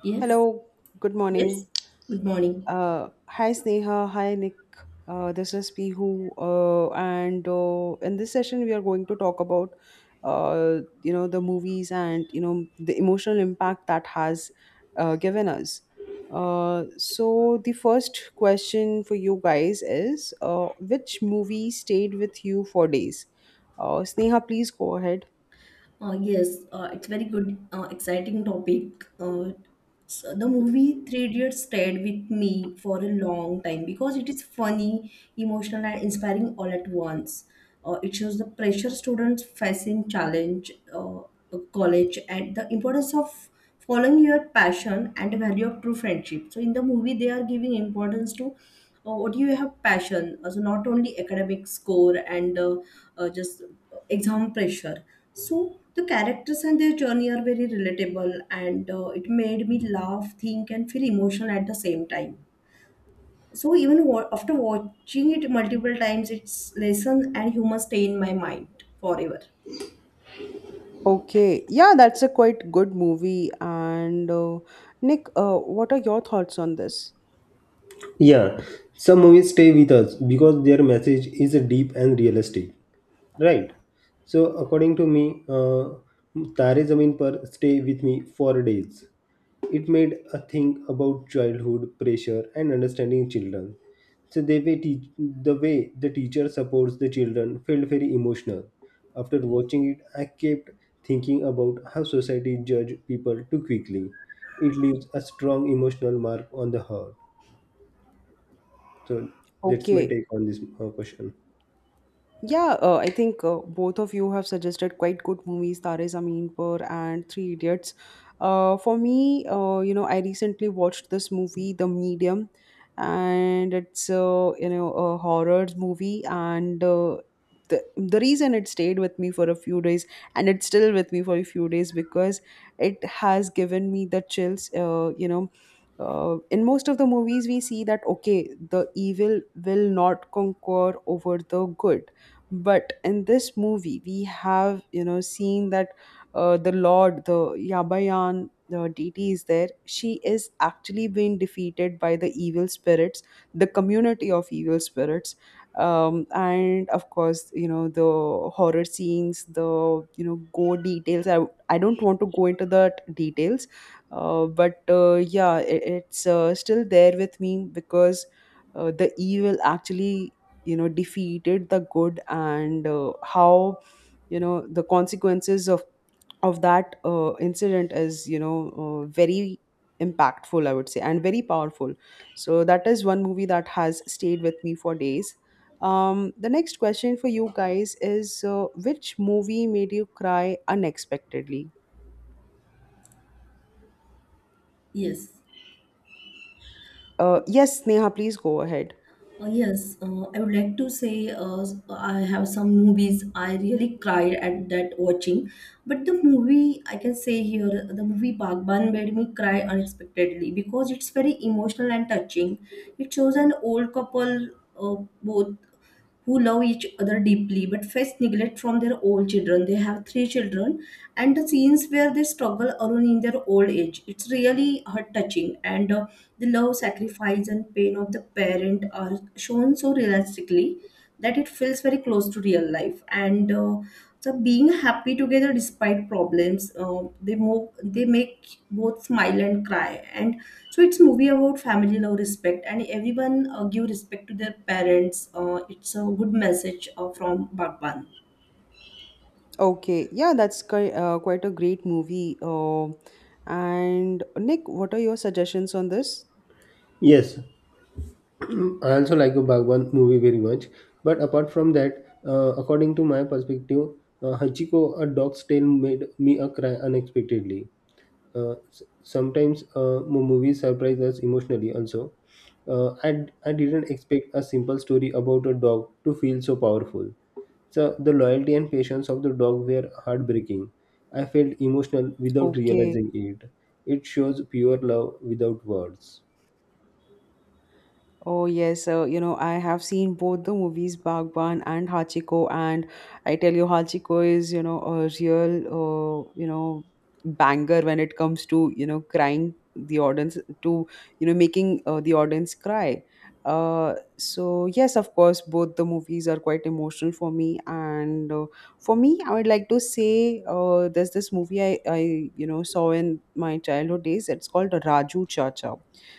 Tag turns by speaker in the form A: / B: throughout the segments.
A: Yes,
B: Hello, good
A: yes.
B: morning.
A: Good morning.
B: Hi Sneha, hi Nick. This is Pihu, and in this session we are going to talk about the movies and you know the emotional impact that has given us. So the first question for you guys is, which movie stayed with you for days? Sneha, please go ahead.
A: Yes, it's very good, exciting topic. So the movie Three Idiots stayed with me for a long time because it is funny, emotional, and inspiring all at once. It shows the pressure students face in challenge, of college, and the importance of following your passion and the value of true friendship. So in the movie, they are giving importance to what you have passion, also not only academic score and just exam pressure. So the characters and their journey are very relatable, and it made me laugh, think, and feel emotional at the same time. So even after watching it multiple times, its lesson and humor stay in my mind forever.
B: Okay, yeah, that's a quite good movie. And Nick, what are your thoughts on this?
C: Yeah, some movies stay with us because their message is deep and realistic, right? So, according to me, Tare Zameen Par stay with me for days. It made a think about childhood pressure and understanding children. So, they way teach, the way the teacher supports the children felt very emotional. After watching it, I kept thinking about how society judge people too quickly. It leaves a strong emotional mark on the heart. So that's my
B: Okay,
C: take on this question.
B: yeah, I think both of you have suggested quite good movies, Tare Zameen Par and Three Idiots. For me, I recently watched this movie, The Medium, and it's you know a horror movie, and the reason it stayed with me for a few days, and it's still with me for a few days because it has given me the chills. In most of the movies we see that okay the evil will not conquer over the good, but in this movie we have you know seen that the lord, the yabayan, the deity is there. She is actually being defeated by the evil spirits, the community of evil spirits. And of course you know the horror scenes, the you know gore I don't want to go into the details. But Yeah, it's still there with me because the evil actually you know defeated the good, and how you know the consequences of that incident is you know very impactful, I would say, and very powerful. So that is one movie that has stayed with me for days. The next question for you guys is, which movie made you cry unexpectedly?
A: Yes.
B: Yes, Neha, please go ahead.
A: Yes, I would like to say I have some movies I really cried at that watching, but the movie I can say here the movie Bagban made me cry unexpectedly because it's very emotional and touching. It shows an old couple, uh, both who love each other deeply but face neglect from their own children. They have three children, and the scenes where they struggle alone in their old age. It's really heart touching, and the love, sacrifice, and pain of the parent are shown so realistically that it feels very close to real life. And so, being happy together despite problems, they move, they make both smile and cry, and so it's movie about family love, respect, and everyone give respect to their parents. It's a good message from Bhagwan.
B: Okay, yeah, that's quite a great movie. And Nick, what are your suggestions on this?
C: Yes, I also like a Bhagwan movie very much. But apart from that, according to my perspective, Hachiko, a dog's tale made me a cry unexpectedly. Sometimes movies surprise us emotionally also. I didn't expect a simple story about a dog to feel so powerful. So the loyalty and patience of the dog were heartbreaking. I felt emotional without
B: Okay.
C: realizing it. It shows pure love without words.
B: Oh yes, you know I have seen both the movies Bagban and Hachiko, and I tell you Hachiko is you know a real banger when it comes to you know crying the audience to you know making the audience cry. So yes, of course, both the movies are quite emotional for me, and for me, I would like to say there's this movie I you know saw in my childhood days. It's called Raju Chacha.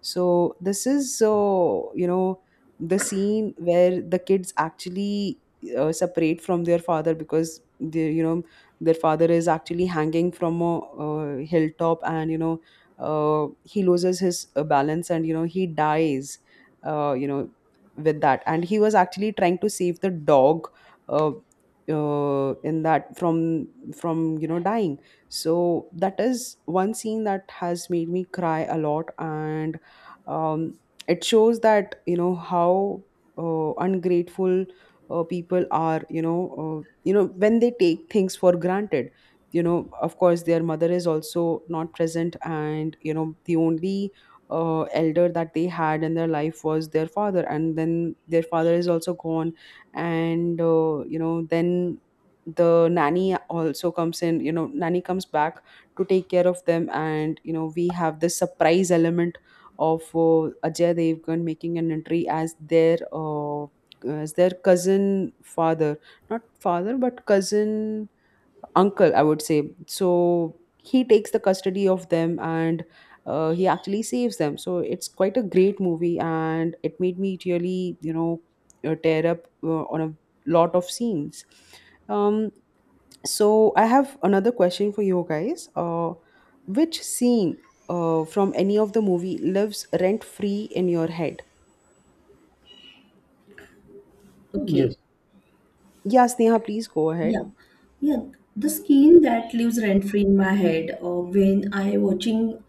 B: So this is so you know the scene where the kids actually separate from their father because they you know their father is actually hanging from a hilltop, and you know he loses his balance and you know he dies you know with that. And he was actually trying to save the dog, uh, in that from you know dying. So that is one scene that has made me cry a lot, and um, it shows that you know how ungrateful people are, you know, you know when they take things for granted. You know, of course their mother is also not present, and you know the only elder that they had in their life was their father, and then their father is also gone. And you know then the nanny also comes in. You know, nanny comes back to take care of them, and you know we have this surprise element of Ajay Devgan making an entry as their cousin father, not father but cousin uncle, I would say. So he takes the custody of them, and he actually saves them. So it's quite a great movie, and it made me really you know tear up on a lot of scenes. Um, so I have another question for you guys. Which scene from any of the movie lives rent free in your head?
C: Yes.
A: Okay.
B: Yeah, Sneha, please go ahead.
A: Yeah, yeah. The skin that lives rent free in my head when I watching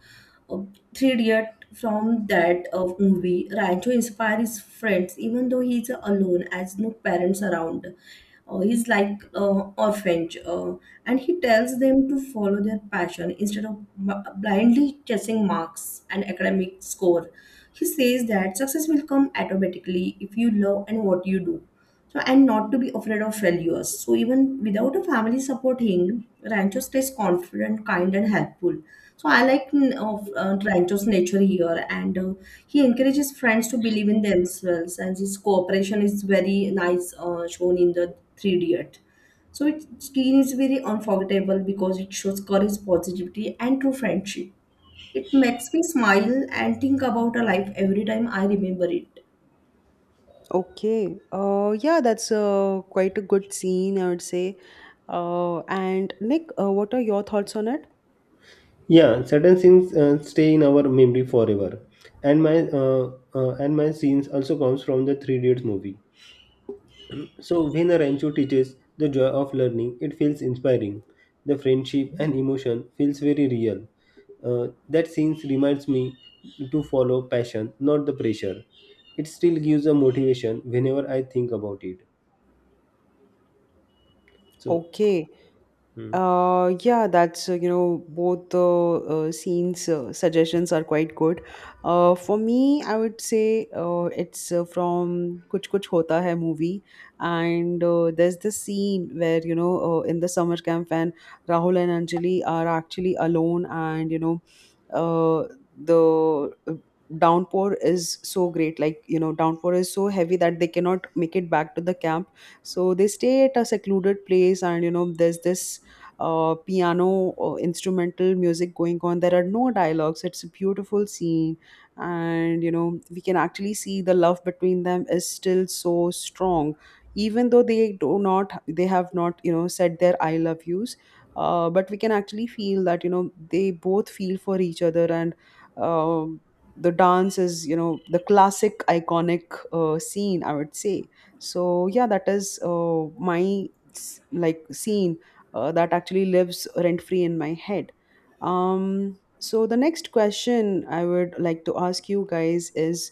A: uh, Three Idiot from that movie, Rancho inspires his friends even though he's alone as no parents around. He's like orphanage, and he tells them to follow their passion instead of blindly chasing marks and academic score. He says that success will come automatically if you love and what you do, so and not to be afraid of failures. So even without a family supporting, Rancho stays confident, kind, and helpful. So I like mm, of Rancho's nature here, and he encourages friends to believe in themselves, and his cooperation is very nice shown in the Three Idiot. So it scene is very unforgettable because it shows courage, positivity, and true friendship. It makes me smile and think about a life every time I remember it.
B: Okay. Yeah, that's quite a good scene, I would say. And Nick, what are your thoughts on it?
C: Yeah, certain scenes stay in our memory forever. And my scenes also comes from the Three dates movie. So when a rancho teaches the joy of learning, it feels inspiring. The friendship and emotion feels very real. That scene reminds me to follow passion, not the pressure. It still gives a motivation whenever I think about it. So,
B: Okay.
C: hmm.
B: Yeah, that's you know both the scenes suggestions are quite good. For me, I would say it's from Kuch Kuch Hota Hai movie, and there's this scene where you know in the summer camp when Rahul and Anjali are actually alone, and you know uh, the downpour is so great, like you know downpour is so heavy that they cannot make it back to the camp, so they stay at a secluded place. And you know there's this piano instrumental music going on. There are no dialogues. It's a beautiful scene, and you know we can actually see the love between them is still so strong, even though they have not you know said their I love yous. But we can actually feel that you know they both feel for each other. And um, the dance is you know the classic iconic scene, I would say. So yeah, that is my like scene that actually lives rent free in my head. So the next question I would like to ask you guys is,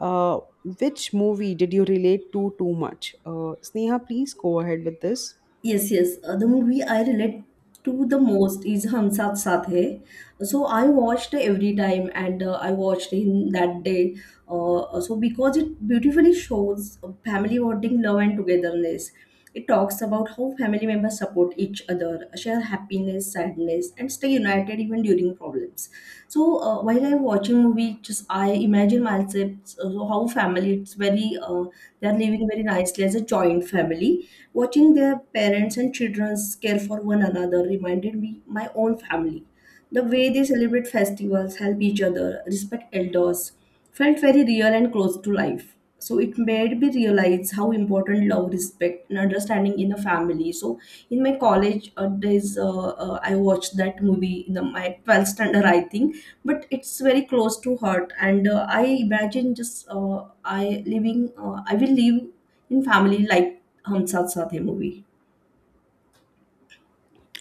B: uh, which movie did you relate to too much? Sneha, please go ahead with this.
A: Yes, yes. The movie I relate to the most is Hum Saath Saath Hai. So I watched every time, and I watched in that day. So because it beautifully shows family bonding, love, and togetherness. It talks about how family members support each other, share happiness, sadness, and stay united even during problems. So while I'm watching movie, just I imagine myself so how family it's very they are living very nicely as a joint family. Watching their parents and childrens care for one another reminded me my own family. The way they celebrate festivals, help each other, respect elders, felt very real and close to life. So it made me realize how important love, respect, and understanding in a family. So in my college days, I watched that movie in my 12th standard, I think. But it's very close to heart, and I imagine just I living I will live in family like Hum Saath Saath Hai movie.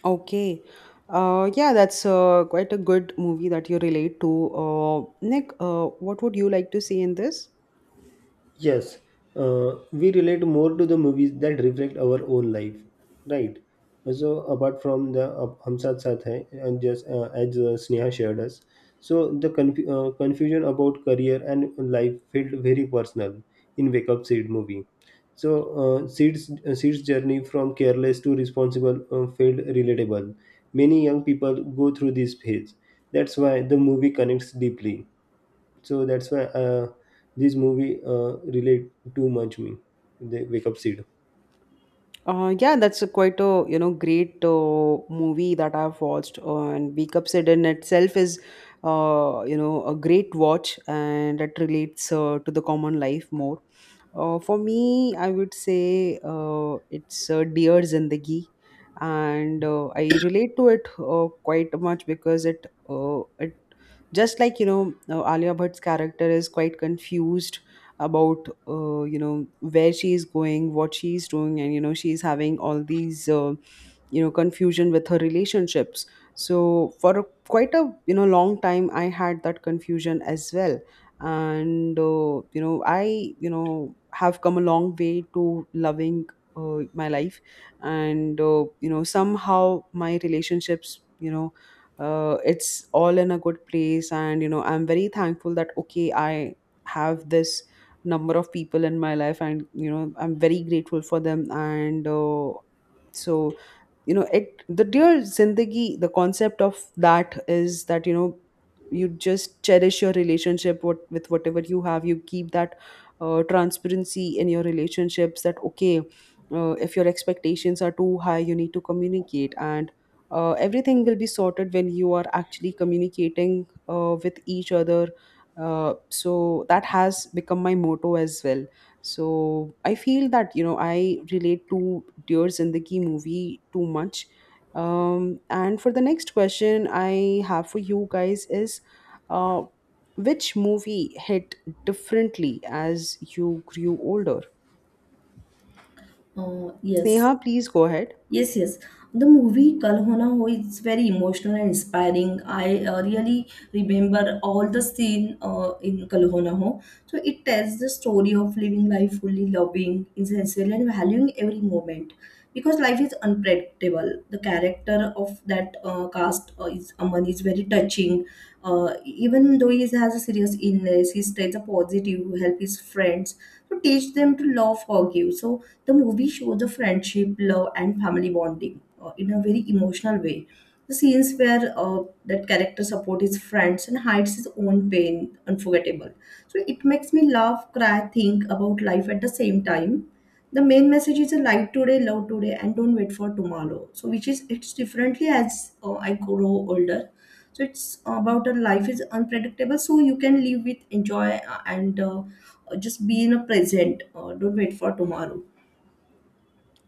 B: Okay. Yeah, that's quite a good movie that you relate to. Nick, what would you like to see in this?
C: Yes, we relate more to the movies that reflect our own life, right? So apart from the Hum Saath Saath Hai, and just as Sneha shared us, so the confusion about career and life felt very personal in Wake Up Sid movie. So Sid's journey from careless to responsible felt relatable. Many young people go through this phase. That's why the movie connects deeply. So that's why this movie relate too much me, the wake up seed.
B: Yeah, that's a quite a you know great movie that I've watched, and Wake Up Sid in itself is you know a great watch, and it relates to the common life more. For me, I would say it's Dear Zindagi, and I relate to it quite much because it just like you know Alia Bhatt's character is quite confused about you know where she is going, what she is doing, and you know she's having all these you know confusion with her relationships. Quite a you know long time, I had that confusion as well. And you know I you know have come a long way to loving my life. And you know somehow my relationships, you know, it's all in a good place, and you know I'm very thankful that okay I have this number of people in my life and you know I'm very grateful for them. And so you know it, the Dear Zindagi, the concept of that is that you know you just cherish your relationship with whatever you have. You keep that transparency in your relationships that okay, if your expectations are too high, you need to communicate, and everything will be sorted when you are actually communicating with each other. So that has become my motto as well. So I feel that you know I relate to Dear Zindagi movie too much. And for the next question I have for you guys is, uh, which movie hit differently as you grew older?
A: Uh, yes,
B: Sneha, please go ahead.
A: Yes, yes. The movie Kal Ho Na Ho is very emotional and inspiring. I really remember all the scene in Kal Ho Na Ho. So it tells the story of living life fully, loving, essential, and valuing every moment. Because life is unpredictable. The character of that cast is Aman is very touching. Even though he has a serious illness, he stays a positive, help his friends, to teach them to love, forgive. So the movie shows the friendship, love, and family bonding in a very emotional way. The scenes where that character supports his friends and hides his own pain unforgettable. So it makes me laugh, cry, think about life at the same time. The main message is a life today, love today, and don't wait for tomorrow. So which is it's differently as I grow older. So it's about a life is unpredictable, so you can live with enjoy and just be in a present, don't wait for tomorrow.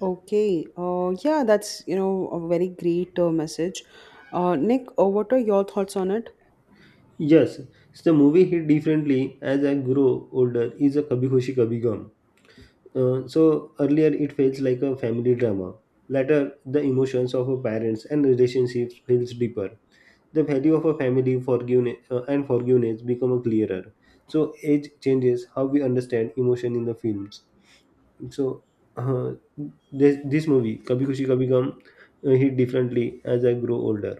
B: Okay. Yeah, that's you know a very great message. Nick, what are your thoughts on it?
C: Yes, so the movie hit differently as I grow older is a Kabhi Khushi Kabhi Gum. So earlier it feels like a family drama. Later the emotions of our parents and relationships feels deeper. The value of a family forgiveness and forgiveness become clearer. So age changes how we understand emotion in the films. So, uh, this movie, Kabhi Kushi Kabhi Gum, hit differently as I grow older.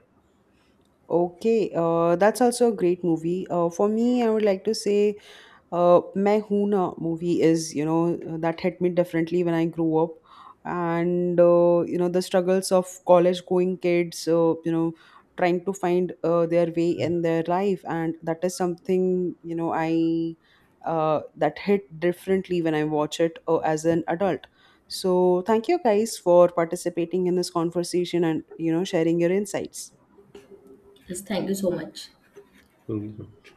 B: Okay, that's also a great movie. For me, I would like to say Main Hoon Na movie is you know that hit me differently when I grew up, and you know the struggles of college going kids, you know, trying to find their way in their life, and that is something you know I that hit differently when I watch it as an adult. So thank you guys for participating in this conversation and you know sharing your insights.
A: Yes, thank you so much.
C: Okay.